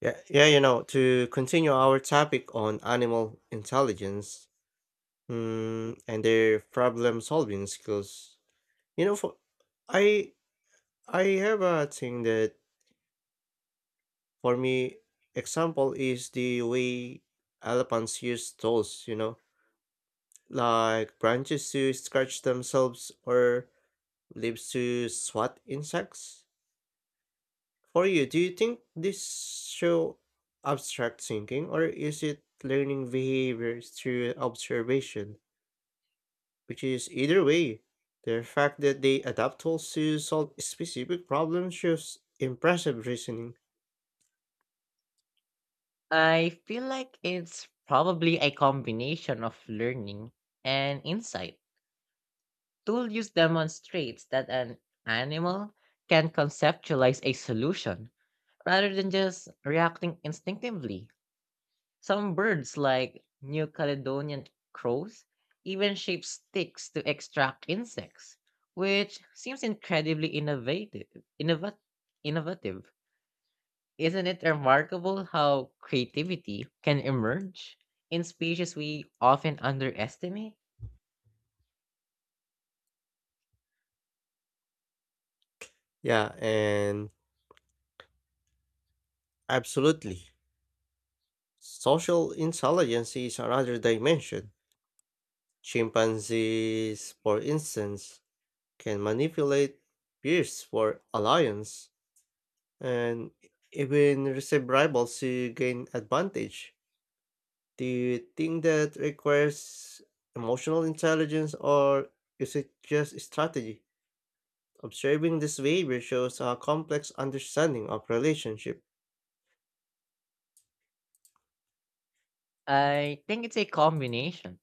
To continue our topic on animal intelligence, and their problem-solving skills. You know, for I I have a thing that for me, example is the way elephants use tools. Like branches to scratch themselves or leaves to swat insects. For you, do you think this show abstract thinking or is it learning behaviors through observation? Which is either way, the fact that they adapt tools to solve specific problems shows impressive reasoning. I feel like it's probably a combination of learning and insight. Tool use demonstrates that an animal can conceptualize a solution rather than just reacting instinctively. Some birds, like New Caledonian crows, even shape sticks to extract insects, which seems incredibly innovative. Innovat- Innovative. Isn't it remarkable how creativity can emerge in species we often underestimate? Yeah, and absolutely. Social intelligence is another dimension. Chimpanzees, for instance, can manipulate peers for alliance and even receive rivals to gain advantage. Do you think that requires emotional intelligence or is it just strategy? Observing this behavior shows a complex understanding of relationship. I think it's a combination.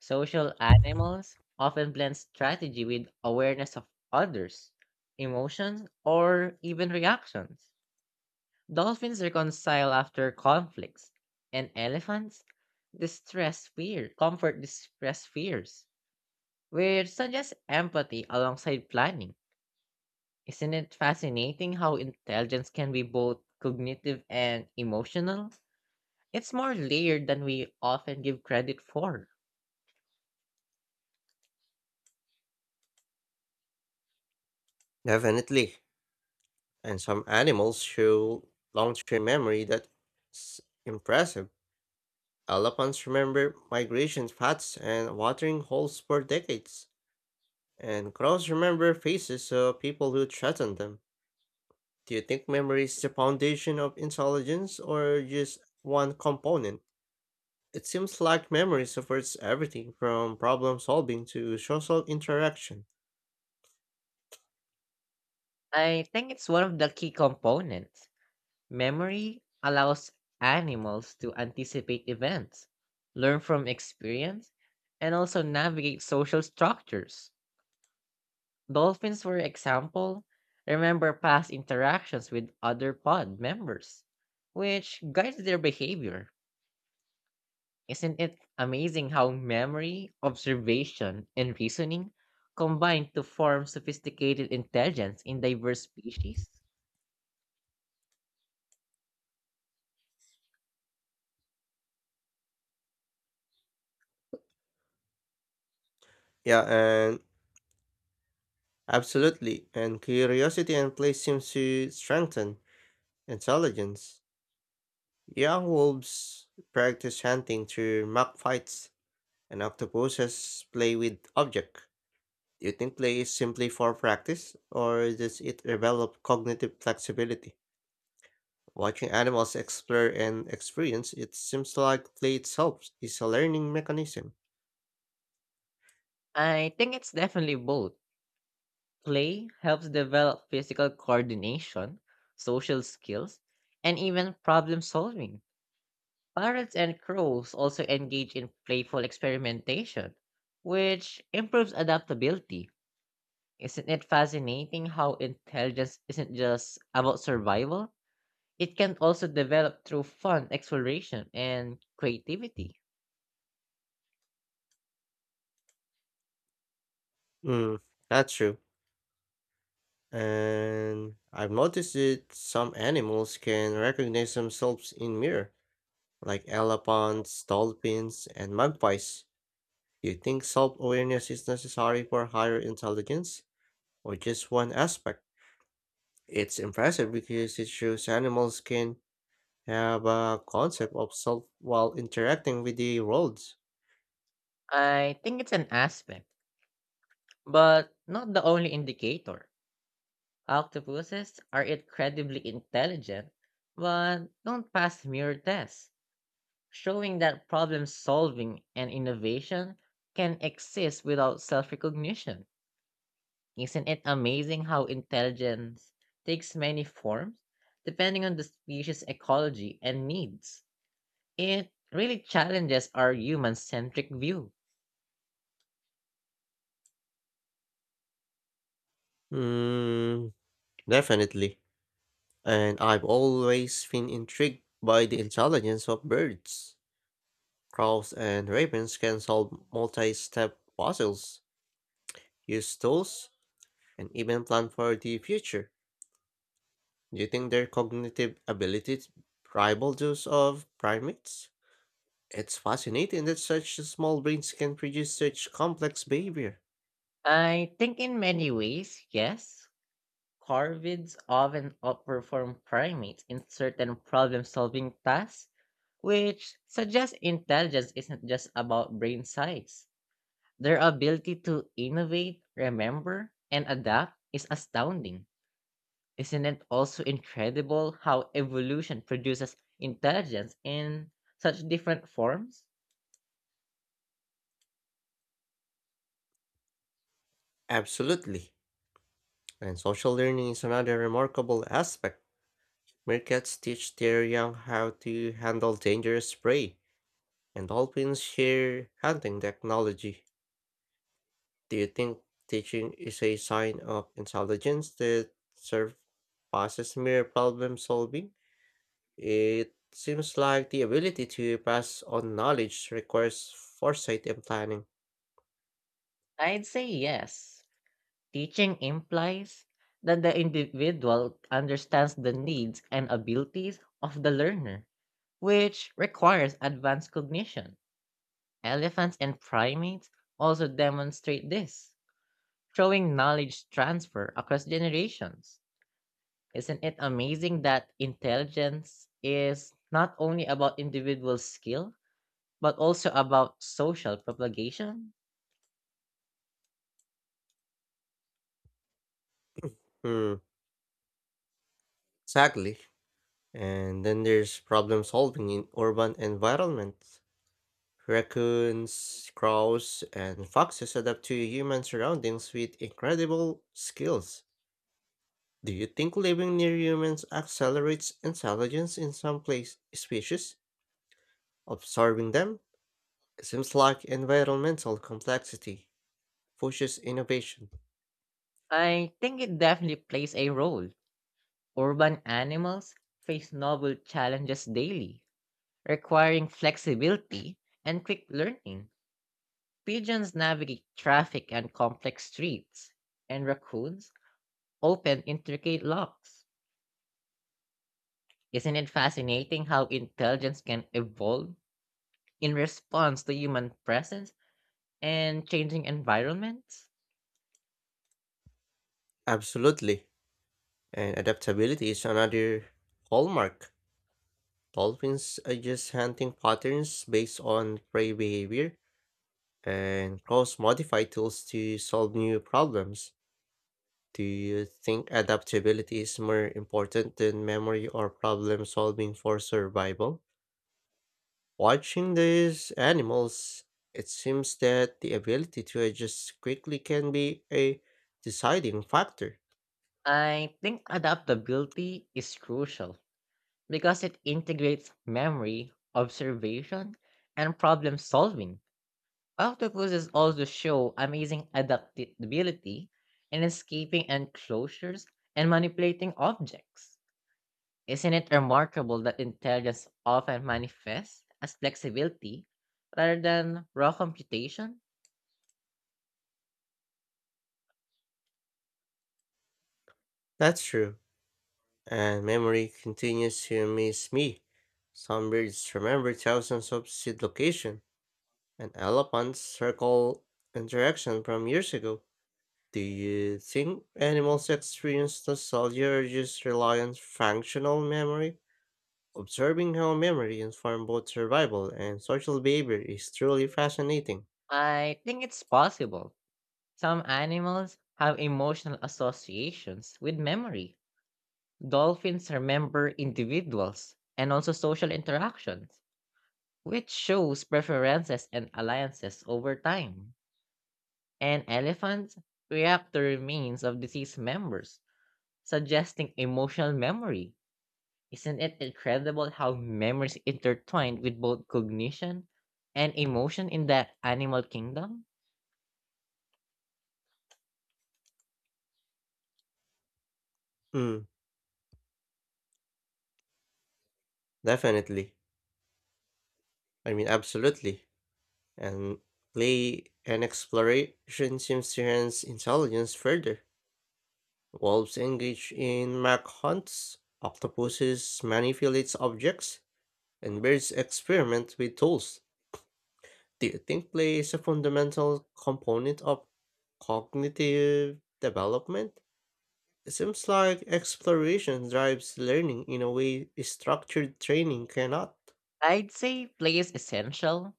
Social animals often blend strategy with awareness of others, emotions, or even reactions. Dolphins reconcile after conflicts, and elephants distress fear, comfort distress fears, which suggests empathy alongside planning. Isn't it fascinating how intelligence can be both cognitive and emotional? It's more layered than we often give credit for. Definitely. And some animals show long-term memory that's impressive. Elephants remember migration paths and watering holes for decades, and crows remember faces of people who threaten them. Do you think memory is the foundation of intelligence or just one component? It seems like memory supports everything from problem solving to social interaction. I think it's one of the key components. Memory allows animals to anticipate events, learn from experience, and also navigate social structures. Dolphins, for example, remember past interactions with other pod members, which guides their behavior. Isn't it amazing how memory, observation, and reasoning combine to form sophisticated intelligence in diverse species? Yeah, and absolutely. And curiosity and play seems to strengthen intelligence. Young wolves practice hunting through mock fights, and octopuses play with objects. Do you think play is simply for practice, or does it develop cognitive flexibility? Watching animals explore and experience, it seems like play itself is a learning mechanism. I think it's definitely both. Play helps develop physical coordination, social skills, and even problem solving. Parrots and crows also engage in playful experimentation, which improves adaptability. Isn't it fascinating how intelligence isn't just about survival? It can also develop through fun exploration and creativity. Mm, that's true. And I've noticed that some animals can recognize themselves in mirror, like elephants, dolphins, and magpies. Do you think self-awareness is necessary for higher intelligence, or just one aspect? It's impressive because it shows animals can have a concept of self while interacting with the world. I think it's an aspect, but not the only indicator. Octopuses are incredibly intelligent, but don't pass mirror tests, showing that problem solving and innovation can exist without self recognition. Isn't it amazing how intelligence takes many forms depending on the species' ecology and needs? It really challenges our human centric view. Hmm. Definitely. And I've always been intrigued by the intelligence of birds. Crows and ravens can solve multi step puzzles, use tools, and even plan for the future. Do you think their cognitive abilities rival those of primates? It's fascinating that such small brains can produce such complex behavior. I think in many ways, yes, corvids often outperform primates in certain problem solving tasks, which suggests intelligence isn't just about brain size. Their ability to innovate, remember, and adapt is astounding. Isn't it also incredible how evolution produces intelligence in such different forms? Absolutely. And social learning is another remarkable aspect. Meerkats teach their young how to handle dangerous prey and dolphins share hunting technology. Do you think teaching is a sign of intelligence that surpasses mere problem solving? It seems like the ability to pass on knowledge requires foresight and planning. I'd say yes. Teaching implies that the individual understands the needs and abilities of the learner, which requires advanced cognition. Elephants and primates also demonstrate this, showing knowledge transfer across generations. Isn't it amazing that intelligence is not only about individual skill, but also about social propagation? Hmm, exactly. And then there's problem solving in urban environments. Raccoons, crows, and foxes adapt to human surroundings with incredible skills. Do you think living near humans accelerates intelligence in some place species? Observing them, it seems like environmental complexity pushes innovation. I think it definitely plays a role. Urban animals face novel challenges daily, requiring flexibility and quick learning. Pigeons navigate traffic and complex streets, and raccoons open intricate locks. Isn't it fascinating how intelligence can evolve in response to human presence and changing environments? Absolutely. And adaptability is another hallmark. Dolphins adjust hunting patterns based on prey behavior and cross-modify tools to solve new problems. Do you think adaptability is more important than memory or problem solving for survival? Watching these animals, it seems that the ability to adjust quickly can be a deciding factor. I think adaptability is crucial because it integrates memory, observation, and problem solving. Octopuses also show amazing adaptability in escaping enclosures and manipulating objects. Isn't it remarkable that intelligence often manifests as flexibility rather than raw computation? That's true, and memory continues to amaze me. Some birds remember thousands of seed location and elephants circle interaction from years ago. Do you think animals experience nostalgia or just rely on functional memory? Observing how memory informs both survival and social behavior is truly fascinating. I think it's possible. Some animals have emotional associations with memory. Dolphins remember individuals and also social interactions, which shows preferences and alliances over time, and elephants react to remains of deceased members, suggesting emotional memory. Isn't it incredible how memories intertwined with both cognition and emotion in the animal kingdom? Mm, definitely. Absolutely. And play and exploration seems to enhance intelligence further. Wolves engage in mac hunts, octopuses manipulate objects, and birds experiment with tools. Do you think play is a fundamental component of cognitive development? It seems like exploration drives learning in a way structured training cannot. I'd say play is essential.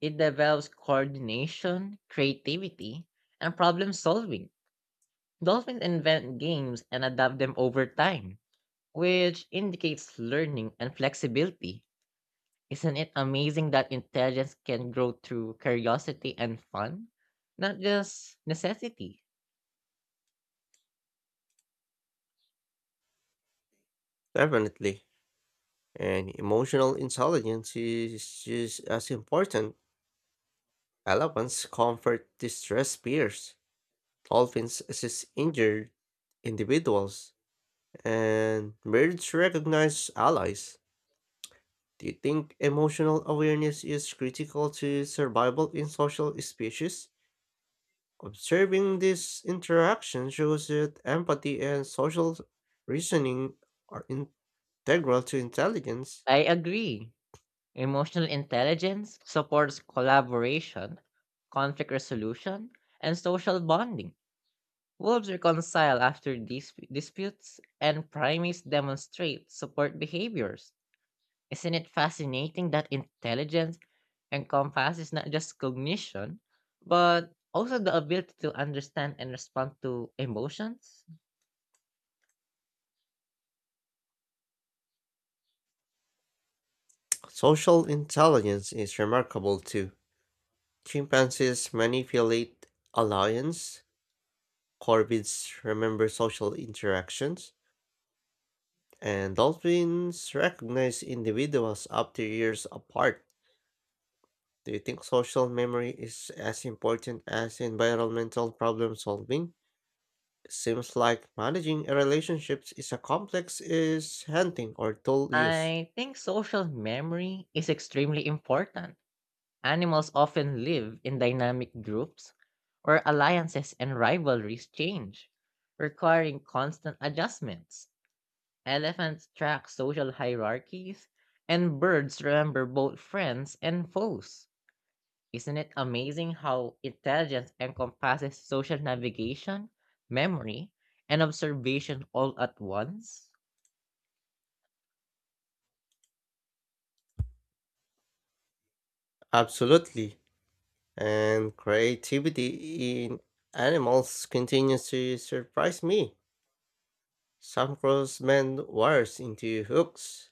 It develops coordination, creativity, and problem solving. Dolphins invent games and adapt them over time, which indicates learning and flexibility. Isn't it amazing that intelligence can grow through curiosity and fun, not just necessity? Definitely. And emotional intelligence is just as important. Allowance, comfort, distress peers. Dolphins assist injured individuals. And birds recognize allies. Do you think emotional awareness is critical to survival in social species? Observing this interaction shows that empathy and social reasoning are integral to intelligence. I agree. Emotional intelligence supports collaboration, conflict resolution, and social bonding. Wolves reconcile after disputes, and primates demonstrate support behaviors. Isn't it fascinating that intelligence And compass is not just cognition, but also the ability to understand and respond to emotions. Social intelligence is remarkable too. Chimpanzees manipulate alliance, corvids remember social interactions, and dolphins recognize individuals up to years apart. Do you think social memory is as important as environmental problem solving? It seems like managing a relationships is a complex is hunting or tool use. I think social memory is extremely important. Animals often live in dynamic groups where alliances and rivalries change, requiring constant adjustments. Elephants track social hierarchies, and birds remember both friends and foes. Isn't it amazing how intelligence encompasses social navigation, memory, and observation all at once? Absolutely. And creativity in animals continues to surprise me. Some crows mend wires into hooks.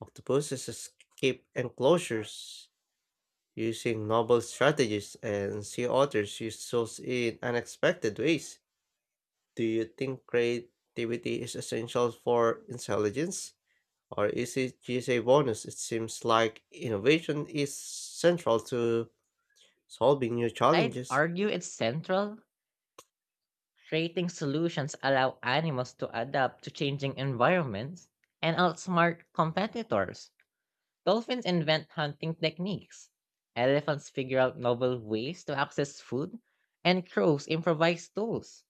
Octopuses escape enclosures using novel strategies, and sea otters use tools in unexpected ways. Do you think creativity is essential for intelligence? Or is it just a bonus? It seems like innovation is central to solving new I'd challenges. argue it's central. Creating solutions allow animals to adapt to changing environments and outsmart competitors. Dolphins invent hunting techniques. Elephants figure out novel ways to access food, and crows improvise tools.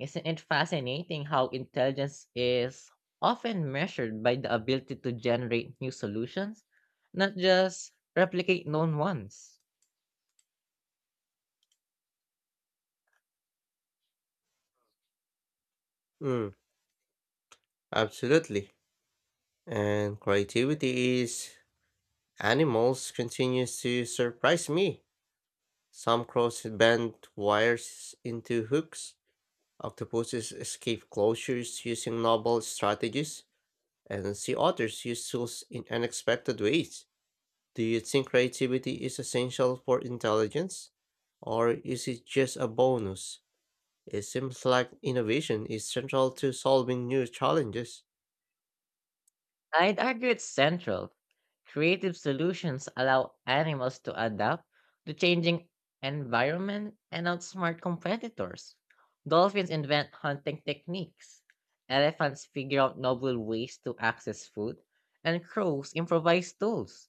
Isn't it fascinating how intelligence is often measured by the ability to generate new solutions, not just replicate known ones? Mm, Absolutely. And creativity is animals continues to surprise me. Some crows bend wires into hooks. Octopuses escape closures using novel strategies, and sea otters use tools in unexpected ways. Do you think creativity is essential for intelligence? Or is it just a bonus? It seems like innovation is central to solving new challenges. I'd argue it's central. Creative solutions allow animals to adapt to changing environment and outsmart competitors. Dolphins invent hunting techniques. Elephants figure out novel ways to access food, and crows improvise tools.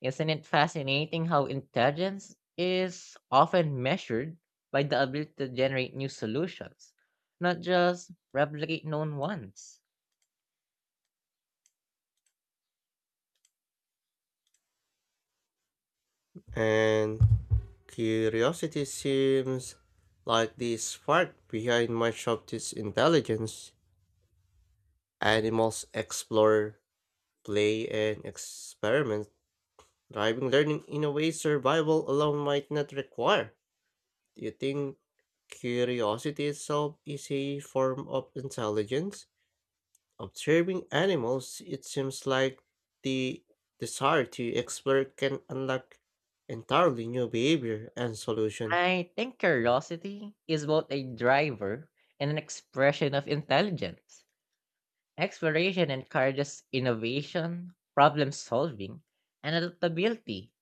Isn't it fascinating how intelligence is often measured by the ability to generate new solutions, not just replicate known ones? And curiosity seems like the spark behind much of this intelligence. Animals explore, play, and experiment, driving learning in a way survival alone might not require. Do you think curiosity itself is a form of intelligence? Observing animals, it seems like the desire to explore can unlock entirely new behavior and solution. I think curiosity is both a driver and an expression of intelligence. Exploration encourages innovation, problem solving, and adaptability.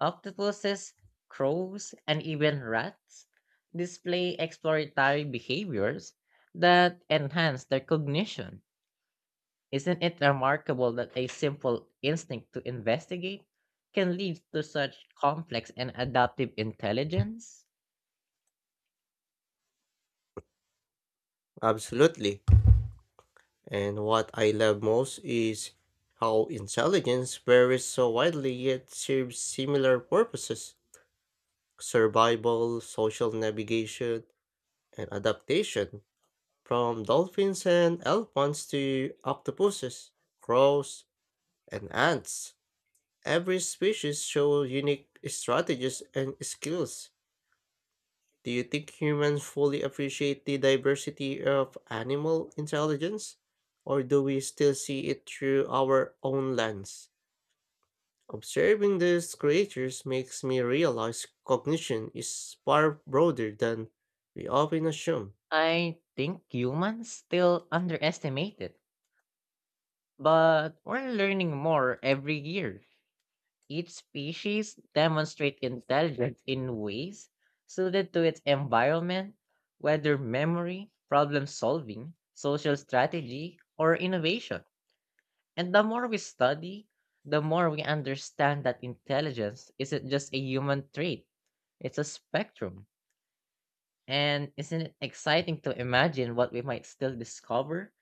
Octopuses, crows, and even rats display exploratory behaviors that enhance their cognition. Isn't it remarkable that a simple instinct to investigate can lead to such complex and adaptive intelligence? Absolutely. And what I love most is how intelligence varies so widely yet serves similar purposes survival, social navigation, and adaptation from dolphins and elephants to octopuses, crows, and ants, every species shows unique strategies and skills. Do you think humans fully appreciate the diversity of animal intelligence? Or do we still see it through our own lens? Observing these creatures makes me realize cognition is far broader than we often assume. I think humans still underestimate it, but we're learning more every year. Each species demonstrates intelligence in ways suited to its environment, whether memory, problem solving, social strategy, or innovation. And the more we study, the more we understand that intelligence isn't just a human trait, it's a spectrum. And isn't it exciting to imagine what we might still discover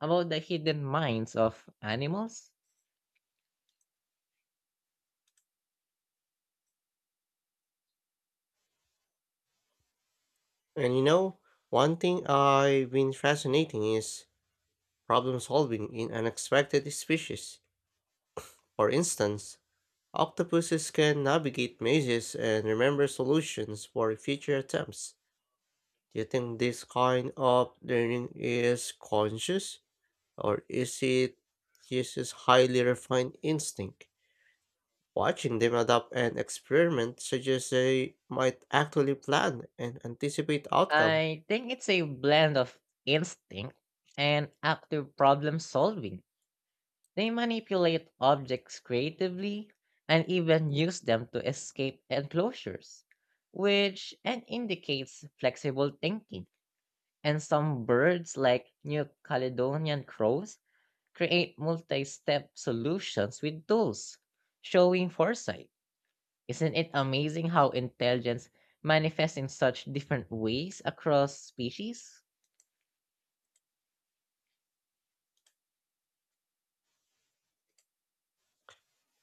about the hidden minds of animals? And one thing I've been fascinating is problem solving in unexpected species. For instance, octopuses can navigate mazes and remember solutions for future attempts. Do you think this kind of learning is conscious, or is it uses highly refined instinct? Watching them adapt and experiment suggests they might actually plan and anticipate outcome. I think it's a blend of instinct and active problem solving. They manipulate objects creatively and even use them to escape enclosures, which and indicates flexible thinking. And some birds, like New Caledonian crows, create multi step solutions with tools, showing foresight. Isn't it amazing how intelligence manifests in such different ways across species?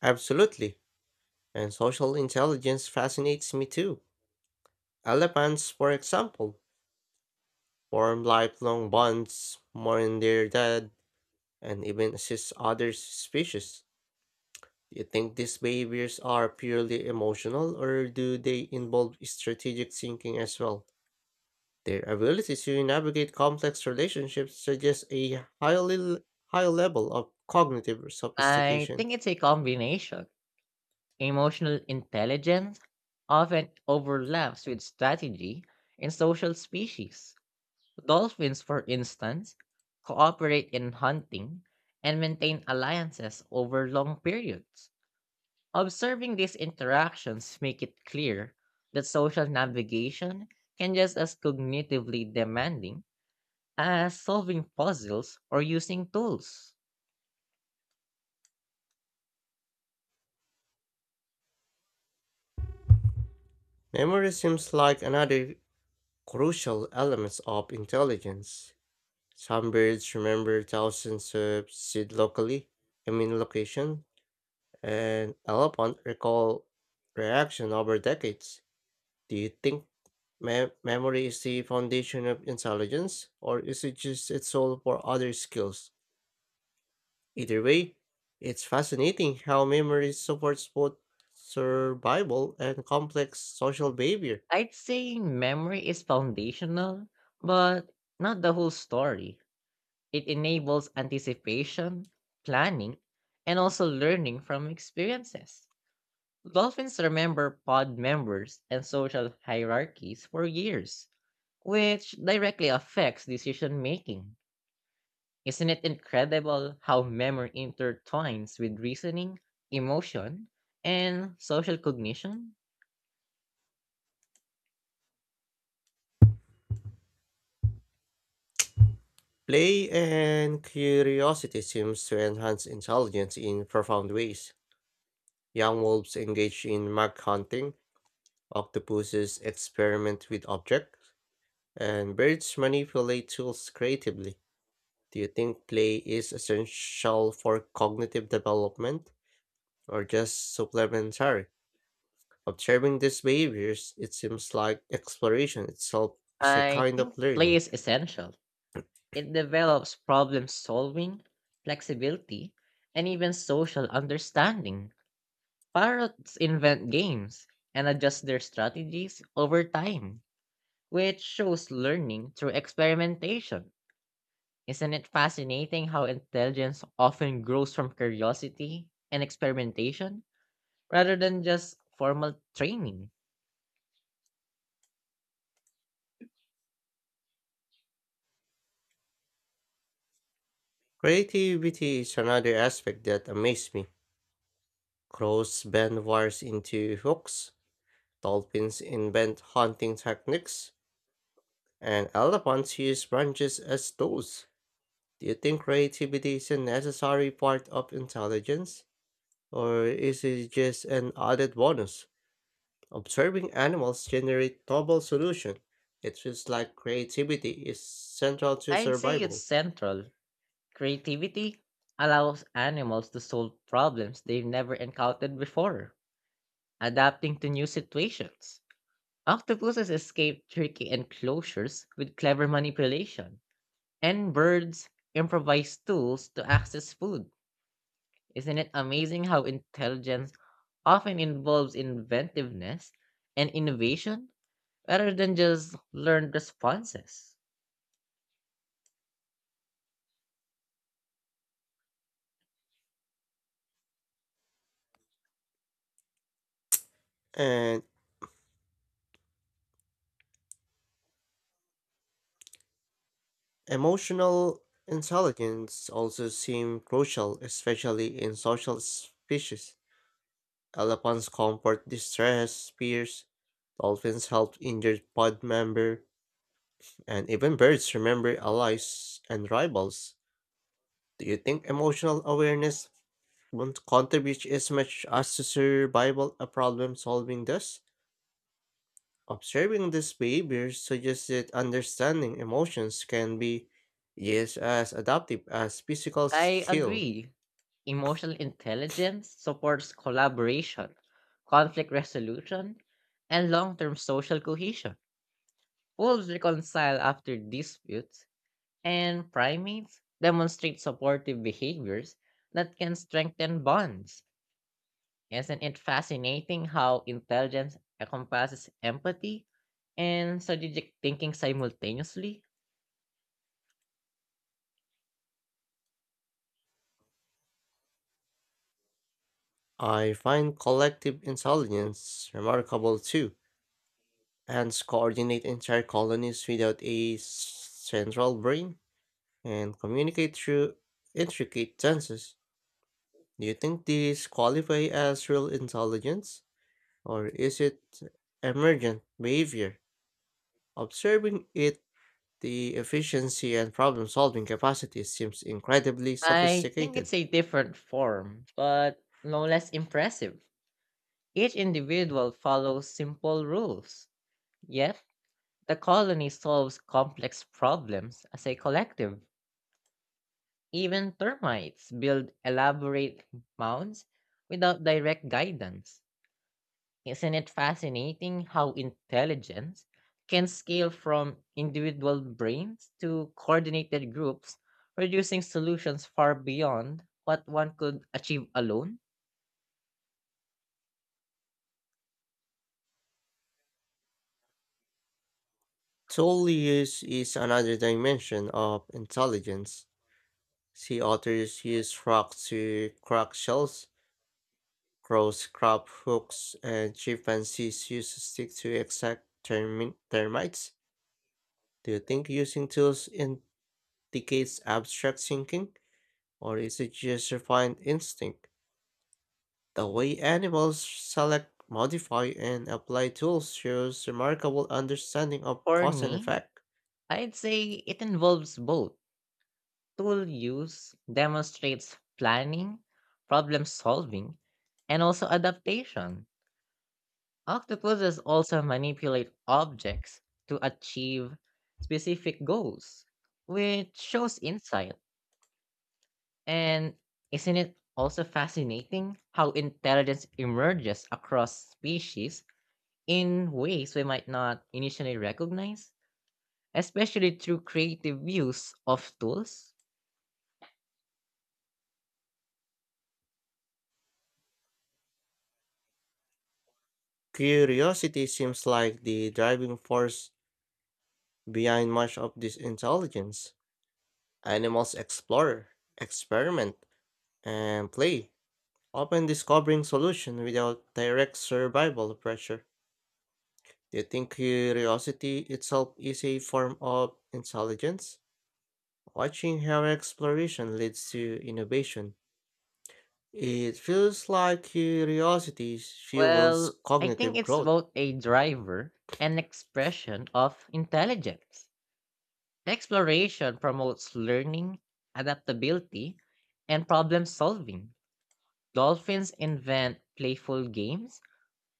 Absolutely. And social intelligence fascinates me too. Elephants, for example, form lifelong bonds, mourn their dead, and even assist other species. Do you think these behaviors are purely emotional or do they involve strategic thinking as well? Their ability to navigate complex relationships suggests a high level of cognitive I sophistication. think it's a combination. Emotional intelligence often overlaps with strategy in social species. Dolphins, for instance, cooperate in hunting and maintain alliances over long periods. Observing these interactions make it clear that social navigation can just as cognitively demanding as solving puzzles or using tools. Memory seems like another crucial element of intelligence. Some birds remember thousands of seed locally, I mean location, and elephant recall reaction over decades. Do you think memory is the foundation of intelligence, or is it just its soul for other skills? Either way, it's fascinating how memory supports both survival and complex social behavior. I'd say memory is foundational, but not the whole story. It enables anticipation, planning, and also learning from experiences. Dolphins remember pod members and social hierarchies for years, which directly affects decision making. Isn't it incredible how memory intertwines with reasoning, emotion, and social cognition? Play and curiosity seems to enhance intelligence in profound ways. Young wolves engage in mag hunting, octopuses experiment with objects, and birds manipulate tools creatively. Do you think play is essential for cognitive development or just supplementary? Observing these behaviors, it seems like exploration itself is a I kind of think play learning. is essential. It develops problem solving, flexibility, and even social understanding. Parrots invent games and adjust their strategies over time, which shows learning through experimentation. Isn't it fascinating how intelligence often grows from curiosity and experimentation rather than just formal training? Creativity is another aspect that amazed me. Crows bend wires into hooks, dolphins invent hunting techniques, and elephants use branches as tools. Do you think creativity is a necessary part of intelligence? Or is it just an added bonus? Observing animals generate novel solutions. It feels like creativity is central to I'd say it's survival. central. Creativity allows animals to solve problems they've never encountered before, adapting to new situations. Octopuses escape tricky enclosures with clever manipulation, and birds improvise tools to access food. Isn't it amazing how intelligence often involves inventiveness and innovation rather than just learned responses? And emotional intelligence also seem crucial, especially in social species. Elephants comfort distressed peers, dolphins help injured pod member, and even birds remember allies and rivals. Do you think emotional awareness won't contribute as much as to survival a problem solving does? Observing these behaviors suggests that understanding emotions can be just as adaptive as physical I skill. agree. Emotional intelligence supports collaboration, conflict resolution, and long term social cohesion. Wolves reconcile after disputes, and primates demonstrate supportive behaviors that can strengthen bonds. Isn't it fascinating how intelligence encompasses empathy and strategic thinking simultaneously? I find collective intelligence remarkable too. Ants coordinate entire colonies without a central brain and communicate through intricate senses. Do you think these qualify as real intelligence? Or is it emergent behavior? Observing it, the efficiency and problem solving capacity seems incredibly I think sophisticated. it's a different form, but no less impressive. Each individual follows simple rules, yet the colony solves complex problems as a collective. Even termites build elaborate mounds without direct guidance. Isn't it fascinating how intelligence can scale from individual brains to coordinated groups, producing solutions far beyond what one could achieve alone? Tool use is another dimension of intelligence. Sea otters use frogs to crack shells, crows grab hooks, and chimpanzees use sticks to exact termites. Do you think using tools indicates abstract thinking, or is it just refined instinct? The way animals select, modify, and apply tools shows remarkable understanding of For cause and me, effect. I'd say it involves both. Tool use demonstrates planning, problem solving, and also adaptation. Octopuses also manipulate objects to achieve specific goals, which shows insight. And isn't it also fascinating how intelligence emerges across species in ways we might not initially recognize, especially through creative use of tools? Curiosity seems like the driving force behind much of this intelligence. Animals explore, experiment, and play, often discovering solutions without direct survival pressure. Do you think curiosity itself is a form of intelligence? Watching how exploration leads to innovation, it feels like curiosity Well, fuels I think cognitive it's growth. both a driver and expression of intelligence. Exploration promotes learning, adaptability, and problem solving. Dolphins invent playful games,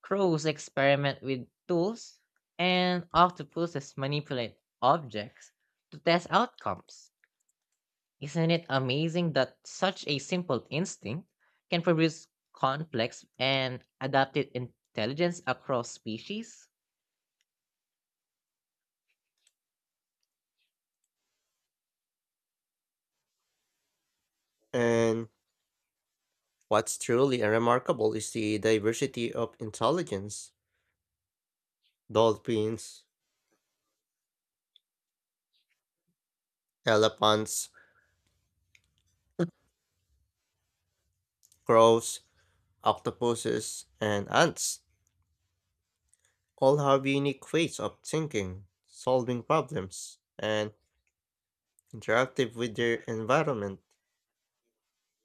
crows experiment with tools, and octopuses manipulate objects to test outcomes. Isn't it amazing that such a simple instinct can produce complex and adaptive intelligence across species? And what's truly remarkable is the diversity of intelligence. Dolphins, elephants, crows, octopuses, and ants, all have unique ways of thinking, solving problems, and interactive with their environment.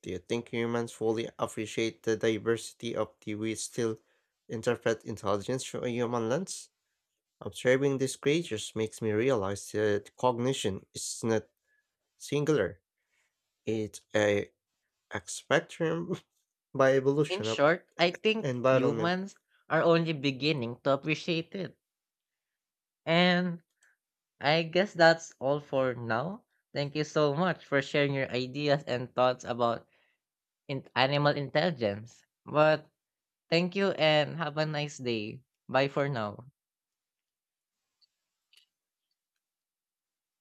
Do you think humans fully appreciate the diversity of the we still interpret intelligence through a human lens? Observing these creatures makes me realize that cognition is not singular. It's a spectrum by In evolution of short, I think environment. humans are only beginning to appreciate it. And I guess that's all for now. Thank you so much for sharing your ideas and thoughts about animal intelligence. But thank you and have a nice day. Bye for now.